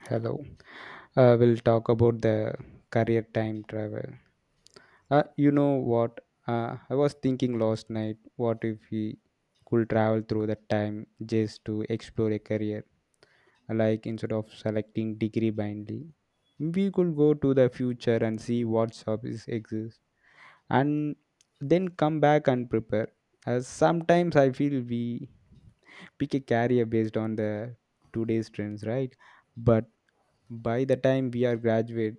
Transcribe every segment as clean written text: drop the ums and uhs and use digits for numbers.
Hello. We'll talk about the career time travel. You know what? I was thinking last night, what if we could travel through the time just to explore a career? Like instead of selecting degree blindly, we could go to the future and see what jobs exist, and then come back and prepare. As sometimes I feel we pick a career based on the today's trends, right? But by the time we are graduate,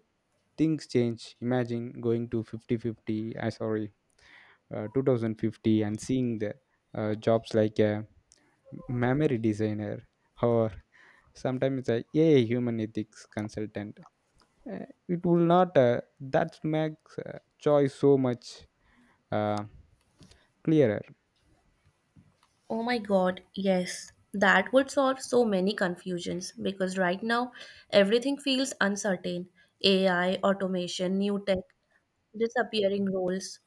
things change. Imagine going to 50-50, 50, sorry, 2050, and seeing the jobs like a memory designer, or sometimes a AI human ethics consultant. Uh, it will not, that makes choice so much uh, clearer. Oh my God, yes. That would solve so many confusions because right now everything feels uncertain. AI, automation, new tech, disappearing roles,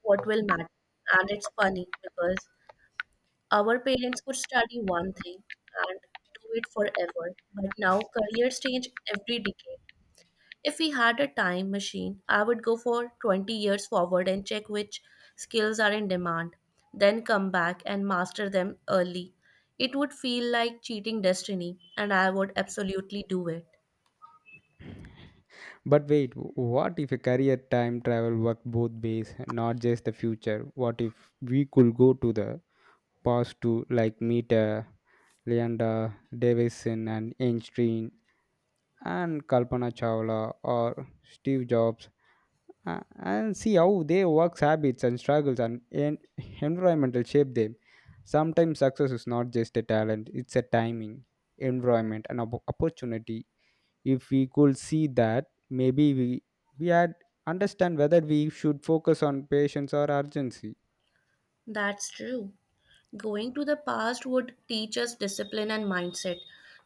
what will matter? And it's funny because our parents could study one thing and do it forever, but now careers change every decade. If we had a time machine, I would go for 20 years forward and check which skills are in demand, then come back and master them early. It would feel like cheating destiny, and I would absolutely do it. But wait, what if a career time travel worked both ways? Not just the future. What if we could go to the past to, like, meet Leonda Davison and Einstein and Kalpana Chawla or Steve Jobs, and see how their work, habits and struggles and environmental shape them. Sometimes success is not just a talent, it's a timing, environment, and opportunity. If we could see that, maybe we had understand whether we should focus on patience or urgency. That's true. Going to the past would teach us discipline and mindset.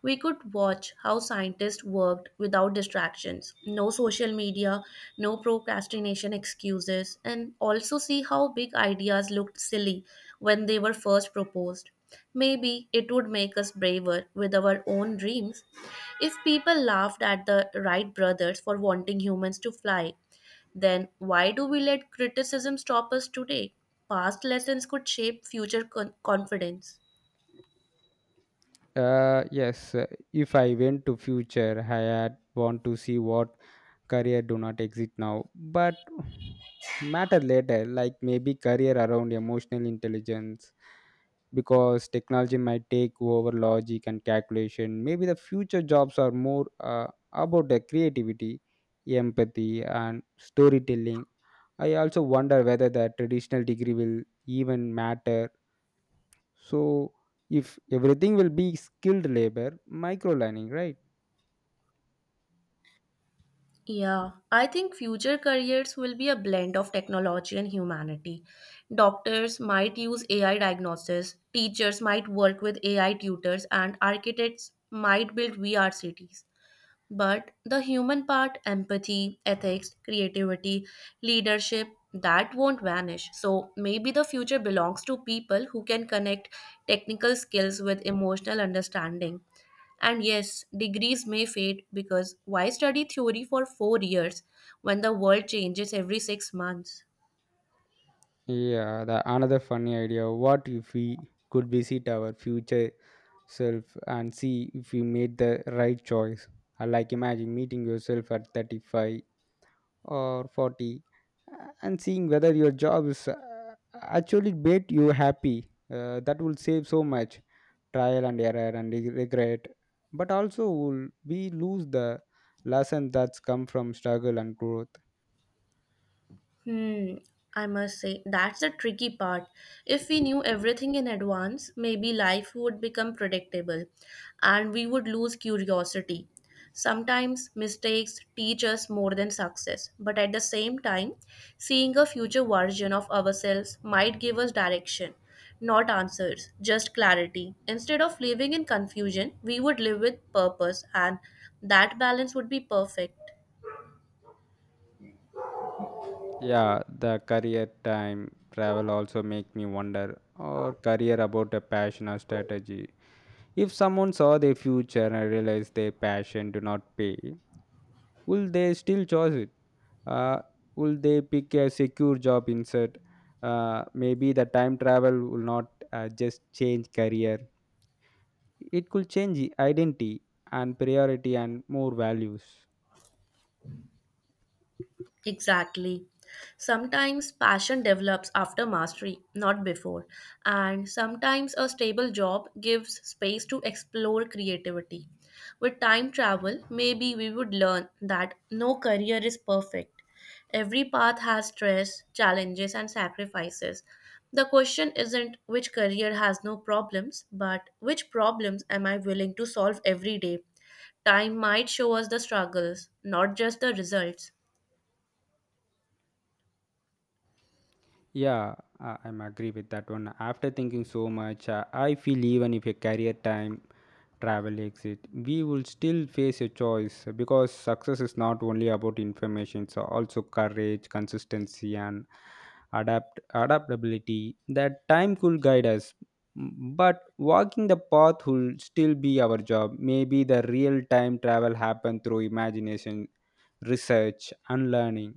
We could watch how scientists worked without distractions, no social media, no procrastination excuses, and also see how big ideas looked silly when they were first proposed. Maybe it would make us braver with our own dreams. If people laughed at the Wright brothers for wanting humans to fly, then why do we let criticism stop us today? Past lessons could shape future confidence. Yes, if I went to future, I had want to see what career do not exist now, but matter later, like maybe career around emotional intelligence, because technology might take over logic and calculation. Maybe the future jobs are more about the creativity, empathy, and storytelling. I also wonder whether the traditional degree will even matter, so if everything will be skilled labor, micro learning, right? Yeah, I think future careers will be a blend of technology and humanity. Doctors might use AI diagnosis, teachers might work with AI tutors, and architects might build VR cities. But the human part, empathy, ethics, creativity, leadership, that won't vanish. So maybe the future belongs to people who can connect technical skills with emotional understanding. And yes, degrees may fade because why study theory for 4 years when the world changes every 6 months? Yeah, the another funny idea. What if we could visit our future self and see if we made the right choice? Like imagine meeting yourself at 35 or 40, and seeing whether your job is actually made you happy. That will save so much trial and error and regret. But also, will we lose the lesson that's come from struggle and growth? Hmm, I must say, that's the tricky part. If we knew everything in advance, maybe life would become predictable and we would lose curiosity. Sometimes mistakes teach us more than success, but at the same time, seeing a future version of ourselves might give us direction, not answers, just clarity. Instead of living in confusion, we would live with purpose, and that balance would be perfect. Yeah, the career time travel also make me wonder or career about a passion or strategy. If someone saw their future and realized their passion do not pay, will they still choose it? Uh, will they pick a secure job instead? Maybe the time travel will not just change career. It could change identity and priority and more values. Exactly. Sometimes passion develops after mastery, not before. And sometimes a stable job gives space to explore creativity. With time travel, maybe we would learn that no career is perfect. Every path has stress, challenges, and sacrifices. The question isn't which career has no problems, but which problems am I willing to solve every day? Time might show us the struggles, not just the results. Yeah, I'm agree with that one. After thinking so much, I feel even if a career time travel exit, we will still face a choice because success is not only about information, it's also courage, consistency, and adaptability. That time could guide us, but walking the path will still be our job. Maybe the real time travel happen through imagination, research, and learning.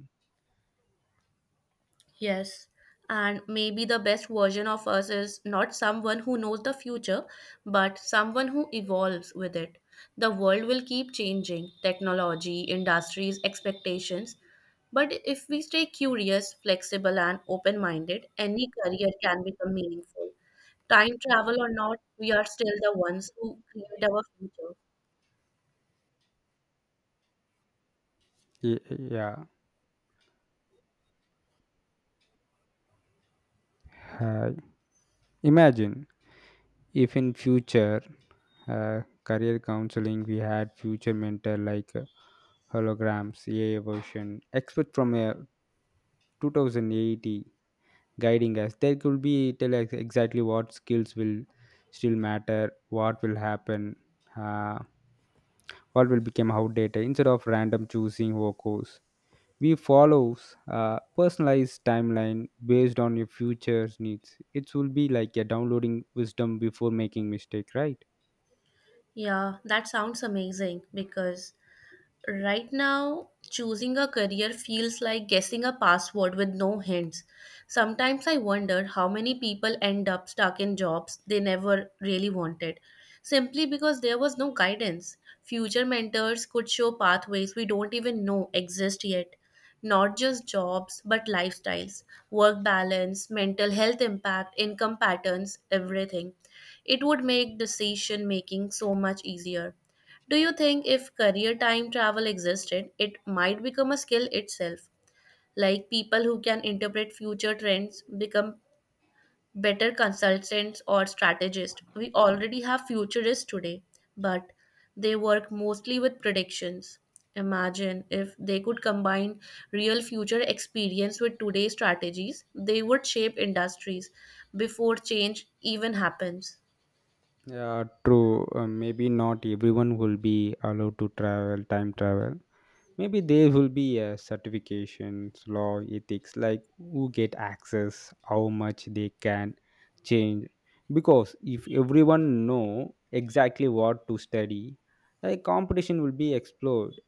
Yes, and maybe the best version of us is not someone who knows the future, but someone who evolves with it. The world will keep changing technology, industries, expectations. But if we stay curious, flexible, and open minded, any career can become meaningful. Time travel or not, we are still the ones who create our future. Yeah. Uh, Imagine if in future career counseling we had future mentor like holograms AI version expert from 2080 guiding us. There could be tell us exactly what skills will still matter, what will happen, uh, what will become outdated. Instead of random choosing our course, we follows a personalized timeline based on your future's needs. It will be like you're downloading wisdom before making mistake, right? Yeah, that sounds amazing because right now, choosing a career feels like guessing a password with no hints. Sometimes I wonder how many people end up stuck in jobs they never really wanted, simply because there was no guidance. Future mentors could show pathways we don't even know exist yet. Not just jobs, but lifestyles, work balance, mental health impact, income patterns, everything. It would make decision making so much easier. Do you think if career time travel existed, it might become a skill itself? Like people who can interpret future trends become better consultants or strategists. We already have futurists today, but they work mostly with predictions. Imagine if they could combine real future experience with today's strategies, they would shape industries before change even happens. Yeah, true. Maybe not everyone will be allowed to travel, time travel. Maybe there will be a certifications, law, ethics, like who get access, how much they can change, because if everyone know exactly what to study, a competition will be explored.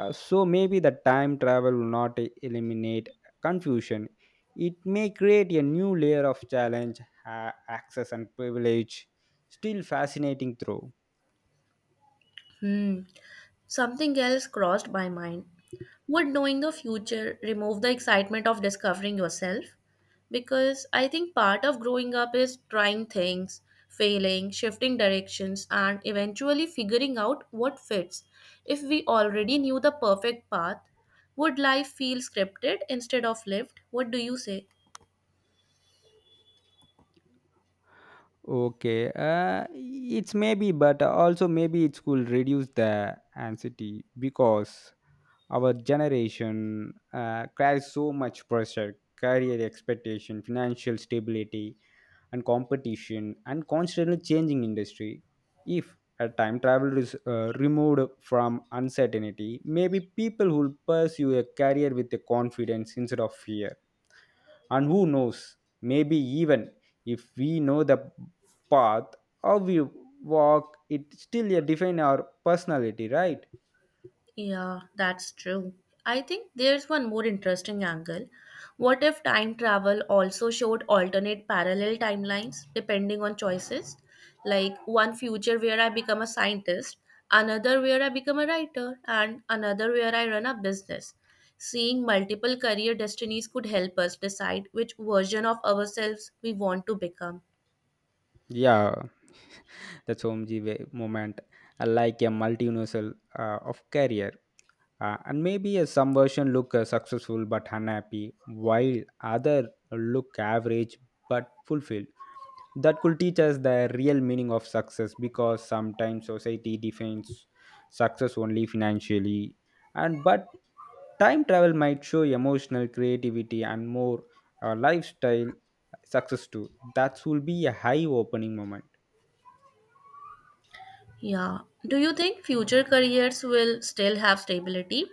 So maybe the time travel will not eliminate confusion, it may create a new layer of challenge, access and privilege. Still fascinating through. Hmm. Something else crossed my mind. Would knowing the future remove the excitement of discovering yourself? Because I think part of growing up is trying things, failing, shifting directions, and eventually figuring out what fits. If we already knew the perfect path, would life feel scripted instead of lived? What do you say? Okay, uh, it's maybe, but also maybe it could reduce the anxiety, because our generation carries so much pressure, career expectation, financial stability, and competition, and constantly changing industry. If a time travel is removed from uncertainty, maybe people will pursue a career with a confidence instead of fear. And who knows, maybe even if we know the path, or we walk it, still define our personality, right? Yeah, that's true. I think there's one more interesting angle. What if time travel also showed alternate parallel timelines depending on choices? Like one future where I become a scientist, another where I become a writer, and another where I run a business. Seeing multiple career destinies could help us decide which version of ourselves we want to become. Yeah, the Somji movement, like a multi-universal of career. And maybe a some version look successful but unhappy, while other look average but fulfilled. That could teach us the real meaning of success, because sometimes society defines success only financially, and but time travel might show emotional creativity and more lifestyle success too. That will be a high opening moment. Yeah. Do you think future careers will still have stability?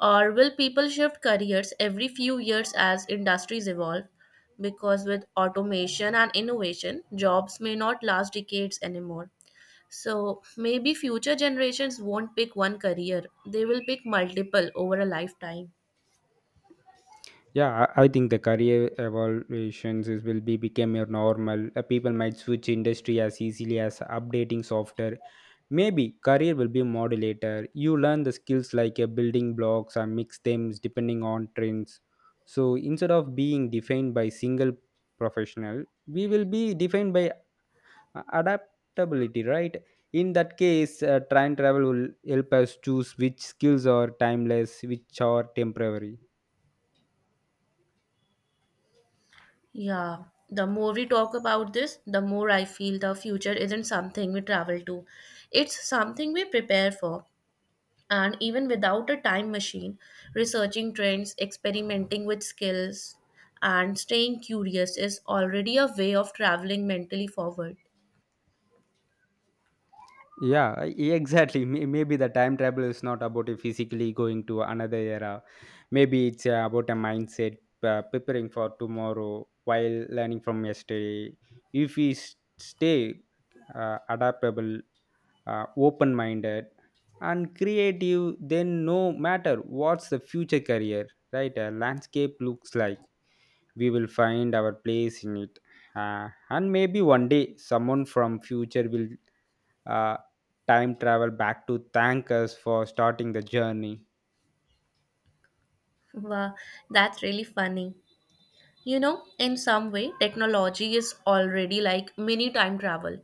Or will people shift careers every few years as industries evolve? Because with automation and innovation, jobs may not last decades anymore. So maybe future generations won't pick one career, they will pick multiple over a lifetime. Yeah, I think the career evaluations is, will be become your normal. People might switch industry as easily as updating software. Maybe career will be modulator. You learn the skills like building blocks or mix them depending on trends. So instead of being defined by single professional, we will be defined by adaptability, right? In that case, time travel will help us choose which skills are timeless, which are temporary. Yeah, the more we talk about this, the more I feel the future isn't something we travel to. It's something we prepare for. And even without a time machine, researching trends, experimenting with skills, and staying curious is already a way of traveling mentally forward. Yeah, exactly. Maybe the time travel is not about you physically going to another era. Maybe it's about a mindset, preparing for tomorrow while learning from yesterday. If we stay adaptable, open minded, and creative, then no matter what's the future career, right? A landscape looks like we will find our place in it. And maybe one day someone from future will uh, time travel back to thank us for starting the journey. Wow, that's really funny. You know, in some way, technology is already like mini time travel.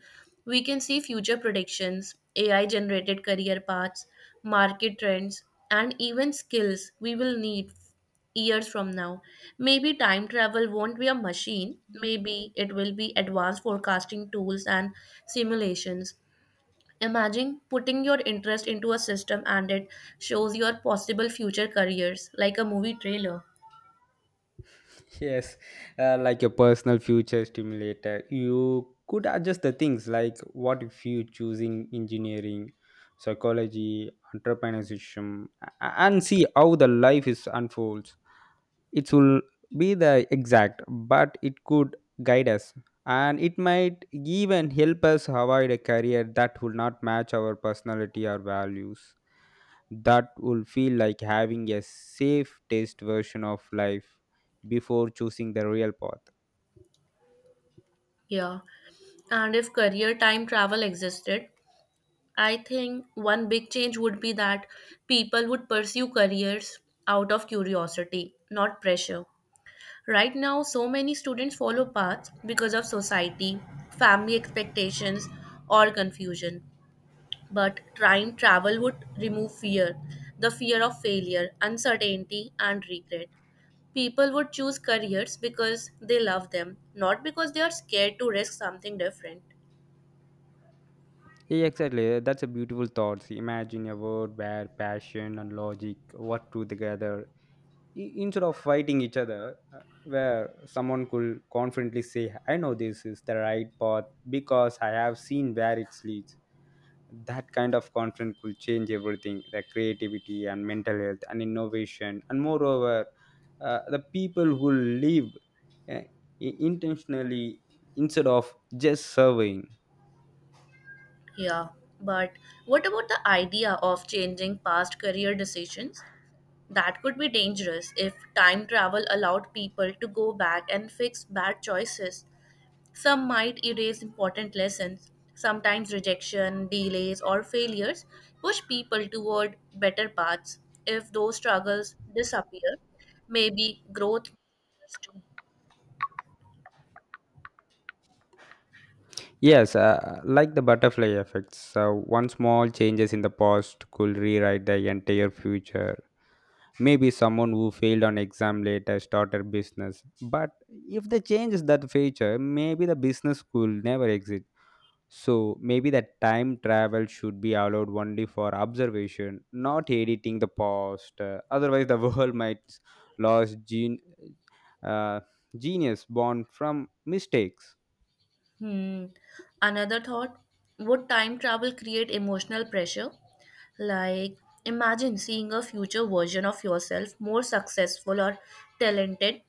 We can see future predictions, AI generated career paths, market trends, and even skills we will need years from now. Maybe time travel won't be a machine, maybe it will be advanced forecasting tools and simulations. Imagine putting your interest into a system and it shows your possible future careers like a movie trailer. Yes, like your personal future stimulator. You could adjust the things like what if you choosing engineering, psychology, entrepreneurship, and see how the life is unfolds. It will be the exact, but it could guide us, and it might even help us avoid a career that will not match our personality or values. That will feel like having a safe taste version of life before choosing the real path. Yeah. And if career time travel existed, I think one big change would be that people would pursue careers out of curiosity, not pressure. Right now, so many students follow paths because of society, family expectations, or confusion. But time travel would remove fear, the fear of failure, uncertainty, and regret. People would choose careers because they love them, not because they are scared to risk something different. Yeah, exactly, that's a beautiful thought. Imagine a world where passion and logic work together, instead of fighting each other, where someone could confidently say, I know this is the right path because I have seen where it leads. That kind of confidence could change everything, the creativity and mental health and innovation. And moreover, the people who live uh, intentionally instead of just serving. Yeah, but what about the idea of changing past career decisions? That could be dangerous if time travel allowed people to go back and fix bad choices. Some might erase important lessons. Sometimes rejection, delays, or failures push people toward better paths. If those struggles disappear, maybe growth too. Yes, like the butterfly effects. So one small changes in the past could rewrite the entire future. Maybe someone who failed on exam later started business, but if they changes that feature, maybe the business could never exist. So maybe that time travel should be allowed only for observation, not editing the past. Otherwise, the world might lose uh, genius born from mistakes. Hmm. Another thought, would time travel create emotional pressure? Like, imagine seeing a future version of yourself more successful or talented,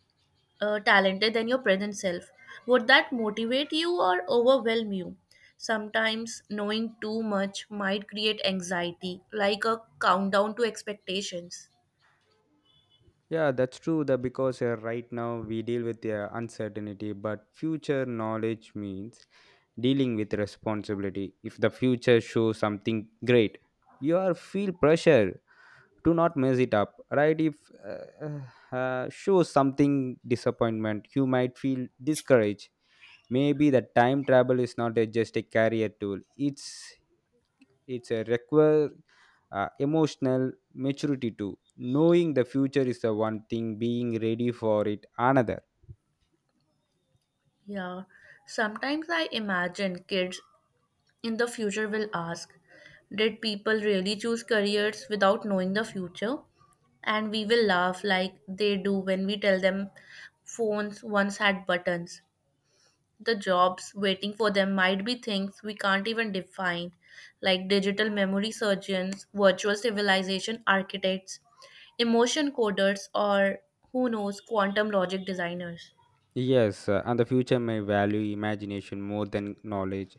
talented than your present self. Would that motivate you or overwhelm you? Sometimes knowing too much might create anxiety, like a countdown to expectations. Yeah, that's true. That because right now we deal with the uncertainty, but future knowledge means dealing with responsibility. If the future shows something great, you are feel pressure, do not mess it up, right? If uh, show something disappointment, you might feel discouraged. Maybe the time travel is not a, just a career tool. It's it's a require emotional maturity too. Knowing the future is the one thing, being ready for it, another. Yeah, sometimes I imagine kids in the future will ask, did people really choose careers without knowing the future? And we will laugh like they do when we tell them phones once had buttons. The jobs waiting for them might be things we can't even define, like digital memory surgeons, virtual civilization architects, emotion coders, or who knows, quantum logic designers. Yes, and the future may value imagination more than knowledge,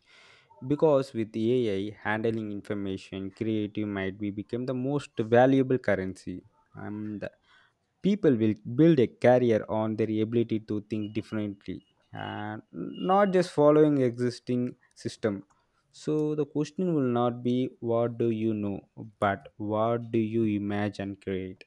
because with AI handling information, creative might be become the most valuable currency. And people will build a career on their ability to think differently and not just following existing system. So the question will not be what do you know, but what do you imagine create?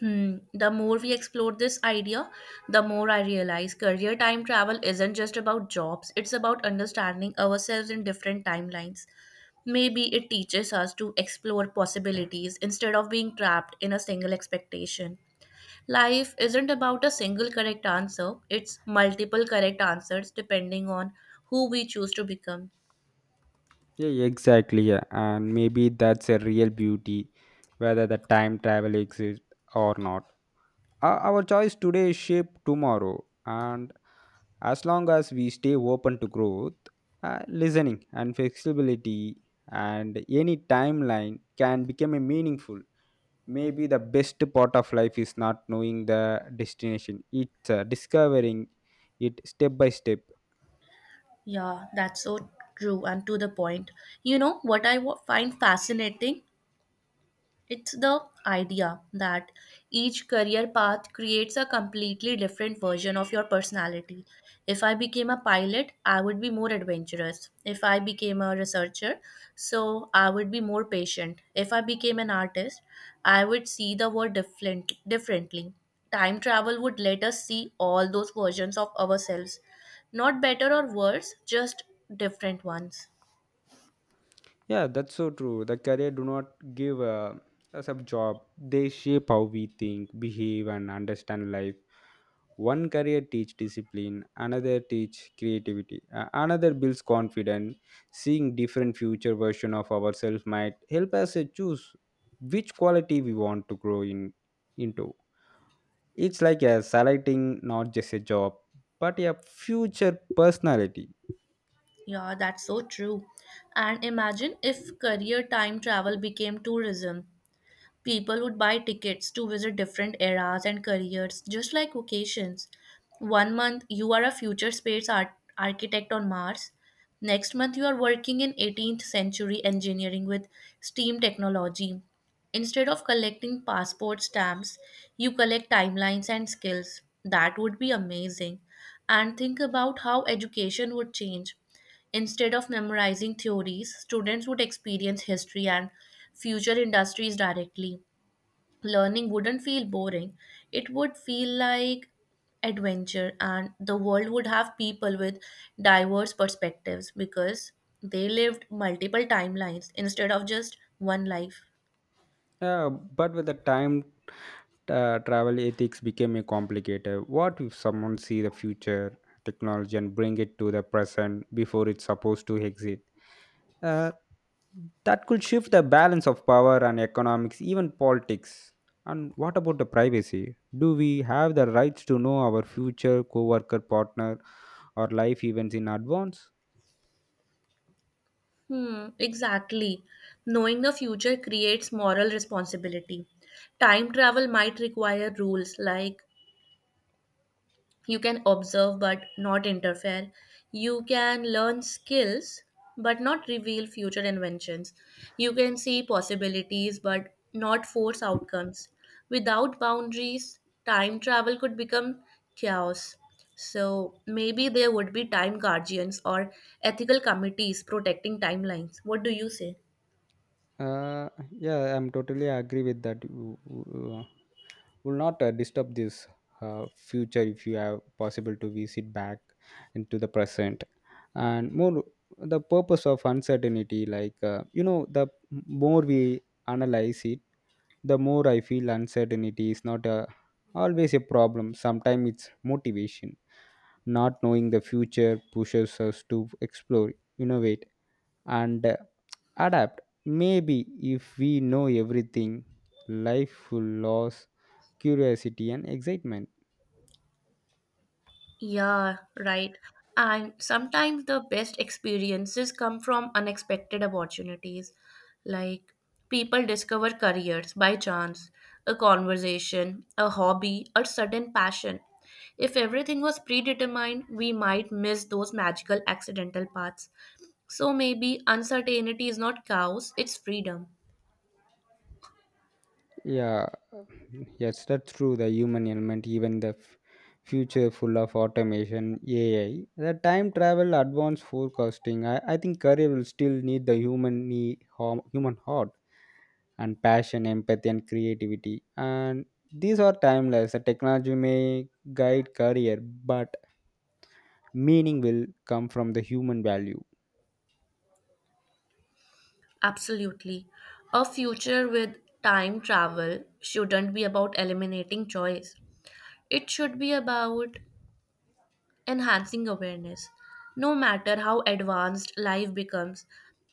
Hmm. The more we explore this idea, the more I realize career time travel isn't just about jobs, it's about understanding ourselves in different timelines. Maybe it teaches us to explore possibilities instead of being trapped in a single expectation. Life isn't about a single correct answer, it's multiple correct answers depending on who we choose to become. Yeah, yeah, exactly. Yeah. And maybe that's a real beauty, whether the time travel exists or not. Our choice today shape tomorrow. And as long as we stay open to growth, listening, and flexibility, and any timeline can become a meaningful. Maybe the best part of life is not knowing the destination, it's discovering it step by step. Yeah, that's so true and to the point. You know what I find fascinating? It's the idea that each career path creates a completely different version of your personality. If I became a pilot, I would be more adventurous. If I became a researcher, so I would be more patient. If I became an artist, I would see the world differently. Time travel would let us see all those versions of ourselves, not better or worse, just different ones. Yeah, that's so true. The career do not give us a job. They shape how we think, behave, and understand life. One career teach discipline, another teach creativity, another builds confidence. Seeing different future version of ourselves might help us choose which quality we want to grow in into. It's like a selecting not just a job, but a future personality. Yeah, that's so true. And imagine if career time travel became tourism. People would buy tickets to visit different eras and careers, just like vacations. One month, you are a future space architect on Mars. Next month, you are working in 18th century engineering with steam technology. Instead of collecting passport stamps, you collect timelines and skills. That would be amazing. And think about how education would change. Instead of memorizing theories, students would experience history and future industries directly. Learning wouldn't feel boring, it would feel like adventure, and the world would have people with diverse perspectives because they lived multiple timelines instead of just one life. Yeah, but with the time, travel ethics became a complicated. What if someone see the future technology and bring it to the present before it's supposed to exit? Uh, that could shift the balance of power and economics, even politics. And what about the privacy? Do we have the rights to know our future co-worker, partner, or life events in advance? Hmm, exactly. Knowing the future creates moral responsibility. Time travel might require rules like, you can observe but not interfere, you can learn skills but not reveal future inventions, you can see possibilities but not force outcomes. Without boundaries, time travel could become chaos. So maybe there would be time guardians or ethical committees protecting timelines. What do you say? Uh, yeah, I'm totally agree with that. Will not disturb this future if you have possible to visit back into the present, and more the purpose of uncertainty, like the more we analyze it, the more I feel uncertainty is not a always a problem. Sometimes it's motivation. Not knowing the future pushes us to explore, innovate, and adapt maybe. If we know everything, life will lose curiosity and excitement. Yeah, right. And sometimes the best experiences come from unexpected opportunities. Like, people discover careers by chance, a conversation, a hobby, or sudden passion. If everything was predetermined, we might miss those magical accidental paths. So maybe uncertainty is not chaos, it's freedom. Yeah, yes, that's true. The human element, even the future full of automation, AI, the time travel, advanced forecasting. I think career will still need the human need, human heart and passion, empathy, and creativity. And these are timeless. The technology may guide career, but meaning will come from the human value. Absolutely. A future with time travel shouldn't be about eliminating choice. It should be about enhancing awareness. No matter how advanced life becomes,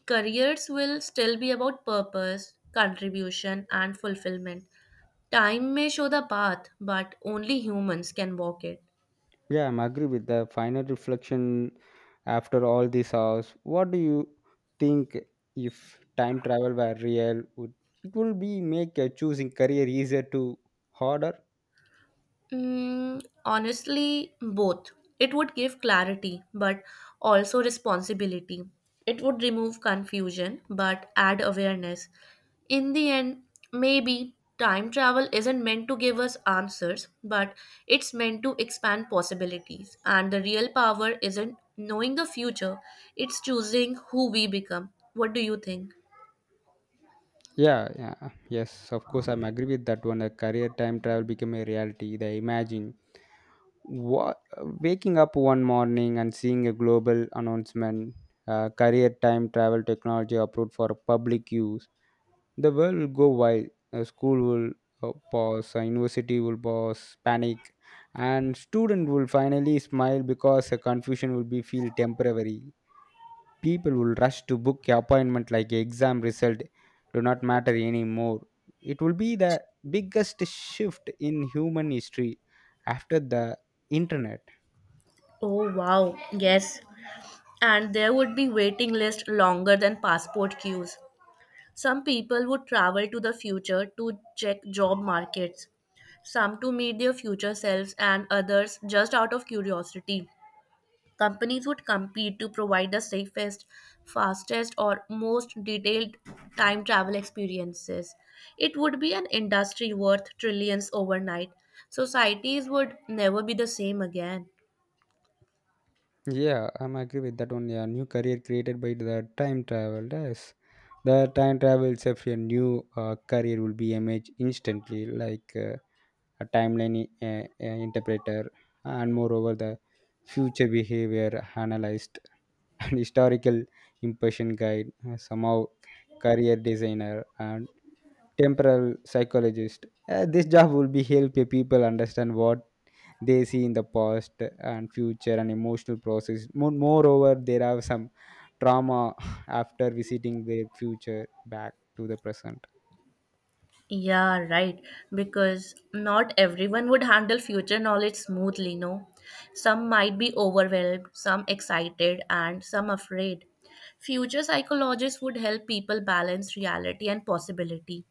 careers will still be about purpose, contribution, and fulfillment. Time may show the path, but only humans can walk it. Yeah, I'm agree with the final reflection after all these hours. What do you think, if time travel were real, would it will be make choosing career easier to harder? Mm, honestly, both. It would give clarity, but also responsibility. It would remove confusion, but add awareness. In the end, maybe time travel isn't meant to give us answers, but it's meant to expand possibilities. And the real power isn't knowing the future, it's choosing who we become. What do you think? Yeah, yeah, yes, of course, I'm agree with that one. A career time travel become a reality. They imagine what waking up one morning and seeing a global announcement, career time travel technology approved for public use, the world will go wild. School will pause, university will pause, panic, and student will finally smile because the confusion will be feel temporary. People will rush to book appointment like exam result do not matter anymore. It will be the biggest shift in human history after the internet. Oh, wow. Yes. And there would be waiting list longer than passport queues. Some people would travel to the future to check job markets, some to meet their future selves, and others just out of curiosity. Companies would compete to provide the safest, fastest, or most detailed time travel experiences. It would be an industry worth trillions overnight. Societies would never be the same again. Yeah, I'm agree with that only. A new career created by the time travel. Yes, the time travel itself, your new career will be image instantly, like a timeline interpreter, and moreover, the future behavior analyst, and historical impression guide, somehow career designer and temporal psychologist. This job will be help your people understand what they see in the past and future and emotional process. Moreover there are some trauma after visiting their future back to the present. Yeah, right. Because not everyone would handle future knowledge smoothly, no? Some might be overwhelmed, some excited, and some afraid. Future psychologists would help people balance reality and possibility,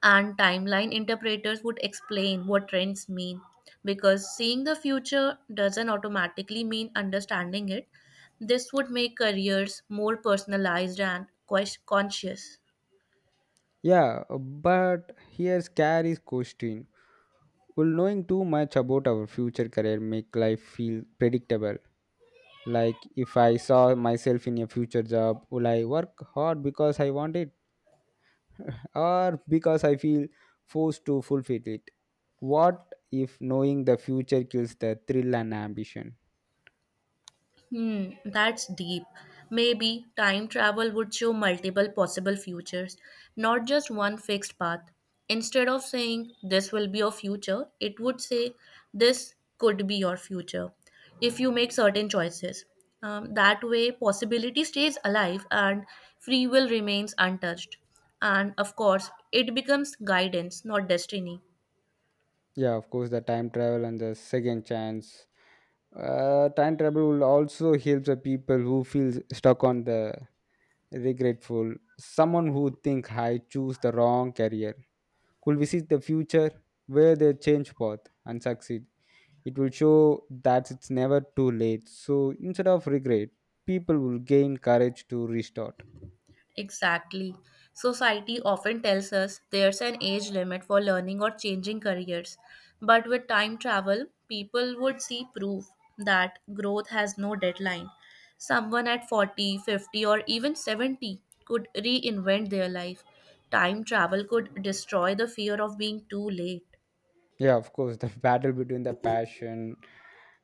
and timeline interpreters would explain what trends mean. Because seeing the future doesn't automatically mean understanding it, this would make careers more personalized and conscious. Yeah, but here's Carrie's question: will knowing too much about our future career make life feel predictable? Like, if I saw myself in a future job, will I work hard because I want it or because I feel forced to fulfill it? What if knowing the future kills the thrill and ambition? Hmm, that's deep. Maybe time travel would show multiple possible futures, not just one fixed path. Instead of saying this will be your future, it would say this could be your future if you make certain choices. That way, possibility stays alive and free will remains untouched. And of course, it becomes guidance, not destiny. Yeah, of course, the time travel and the second chance. Time travel will also help the people who feel stuck on the regretful. Someone who think I choose the wrong career could visit the future where they change path and succeed. It will show that it's never too late. So instead of regret, people will gain courage to restart. Exactly. Society often tells us there's an age limit for learning or changing careers. But with time travel, people would see proof that growth has no deadline. Someone at 40, 50, or even 70 could reinvent their life. Time travel could destroy the fear of being too late. Yeah, of course, the battle between the passion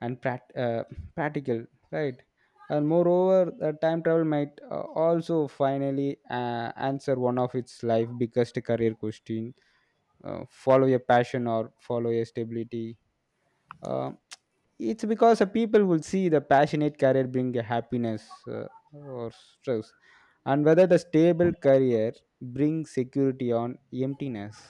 and practical, right? And moreover, the time travel might also finally answer one of its life biggest career question: follow your passion or follow your stability? Um, it's because the people will see the passionate career bring a happiness uh, or stress, and whether the stable career brings security on emptiness.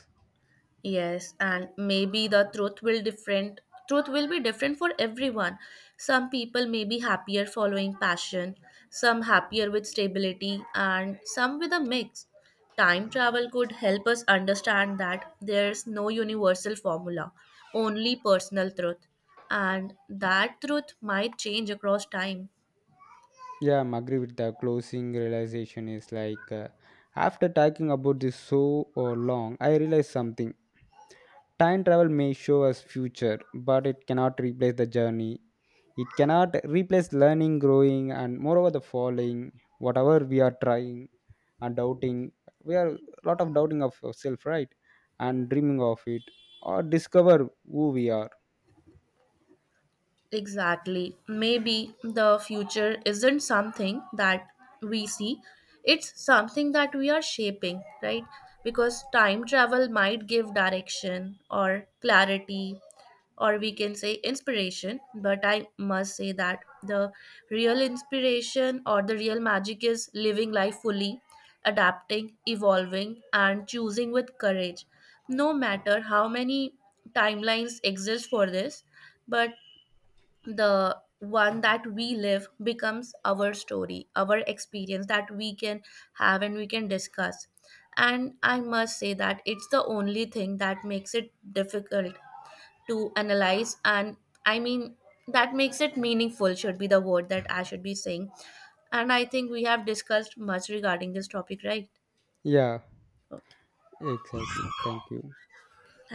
Yes, and maybe the truth will different truth will be different for everyone. Some people may be happier following passion, some happier with stability, and some with a mix. Time travel could help us understand that there's no universal formula, only personal truth, and that truth might change across time. Yeah, I'm agree with the closing realization is like after talking about this so long, I realized something. Time travel may show us future, but it cannot replace the journey. It cannot replace learning, growing, and moreover the falling. Whatever we are trying and doubting, we are lot of doubting of ourselves, right? And dreaming of it, or discover who we are. Exactly. Maybe the future isn't something that we see, it's something that we are shaping, right? Because time travel might give direction or clarity, or we can say inspiration. But I must say that the real inspiration or the real magic is living life fully, adapting, evolving, and choosing with courage. No matter how many timelines exist for this, but the one that we live becomes our story, our experience that we can have and we can discuss, and I must say that it's the only thing that makes it difficult to analyze, and I mean, that makes it meaningful should be the word that I should be saying. And I think we have discussed much regarding this topic, right? Yeah, Okay. exactly. Thank you.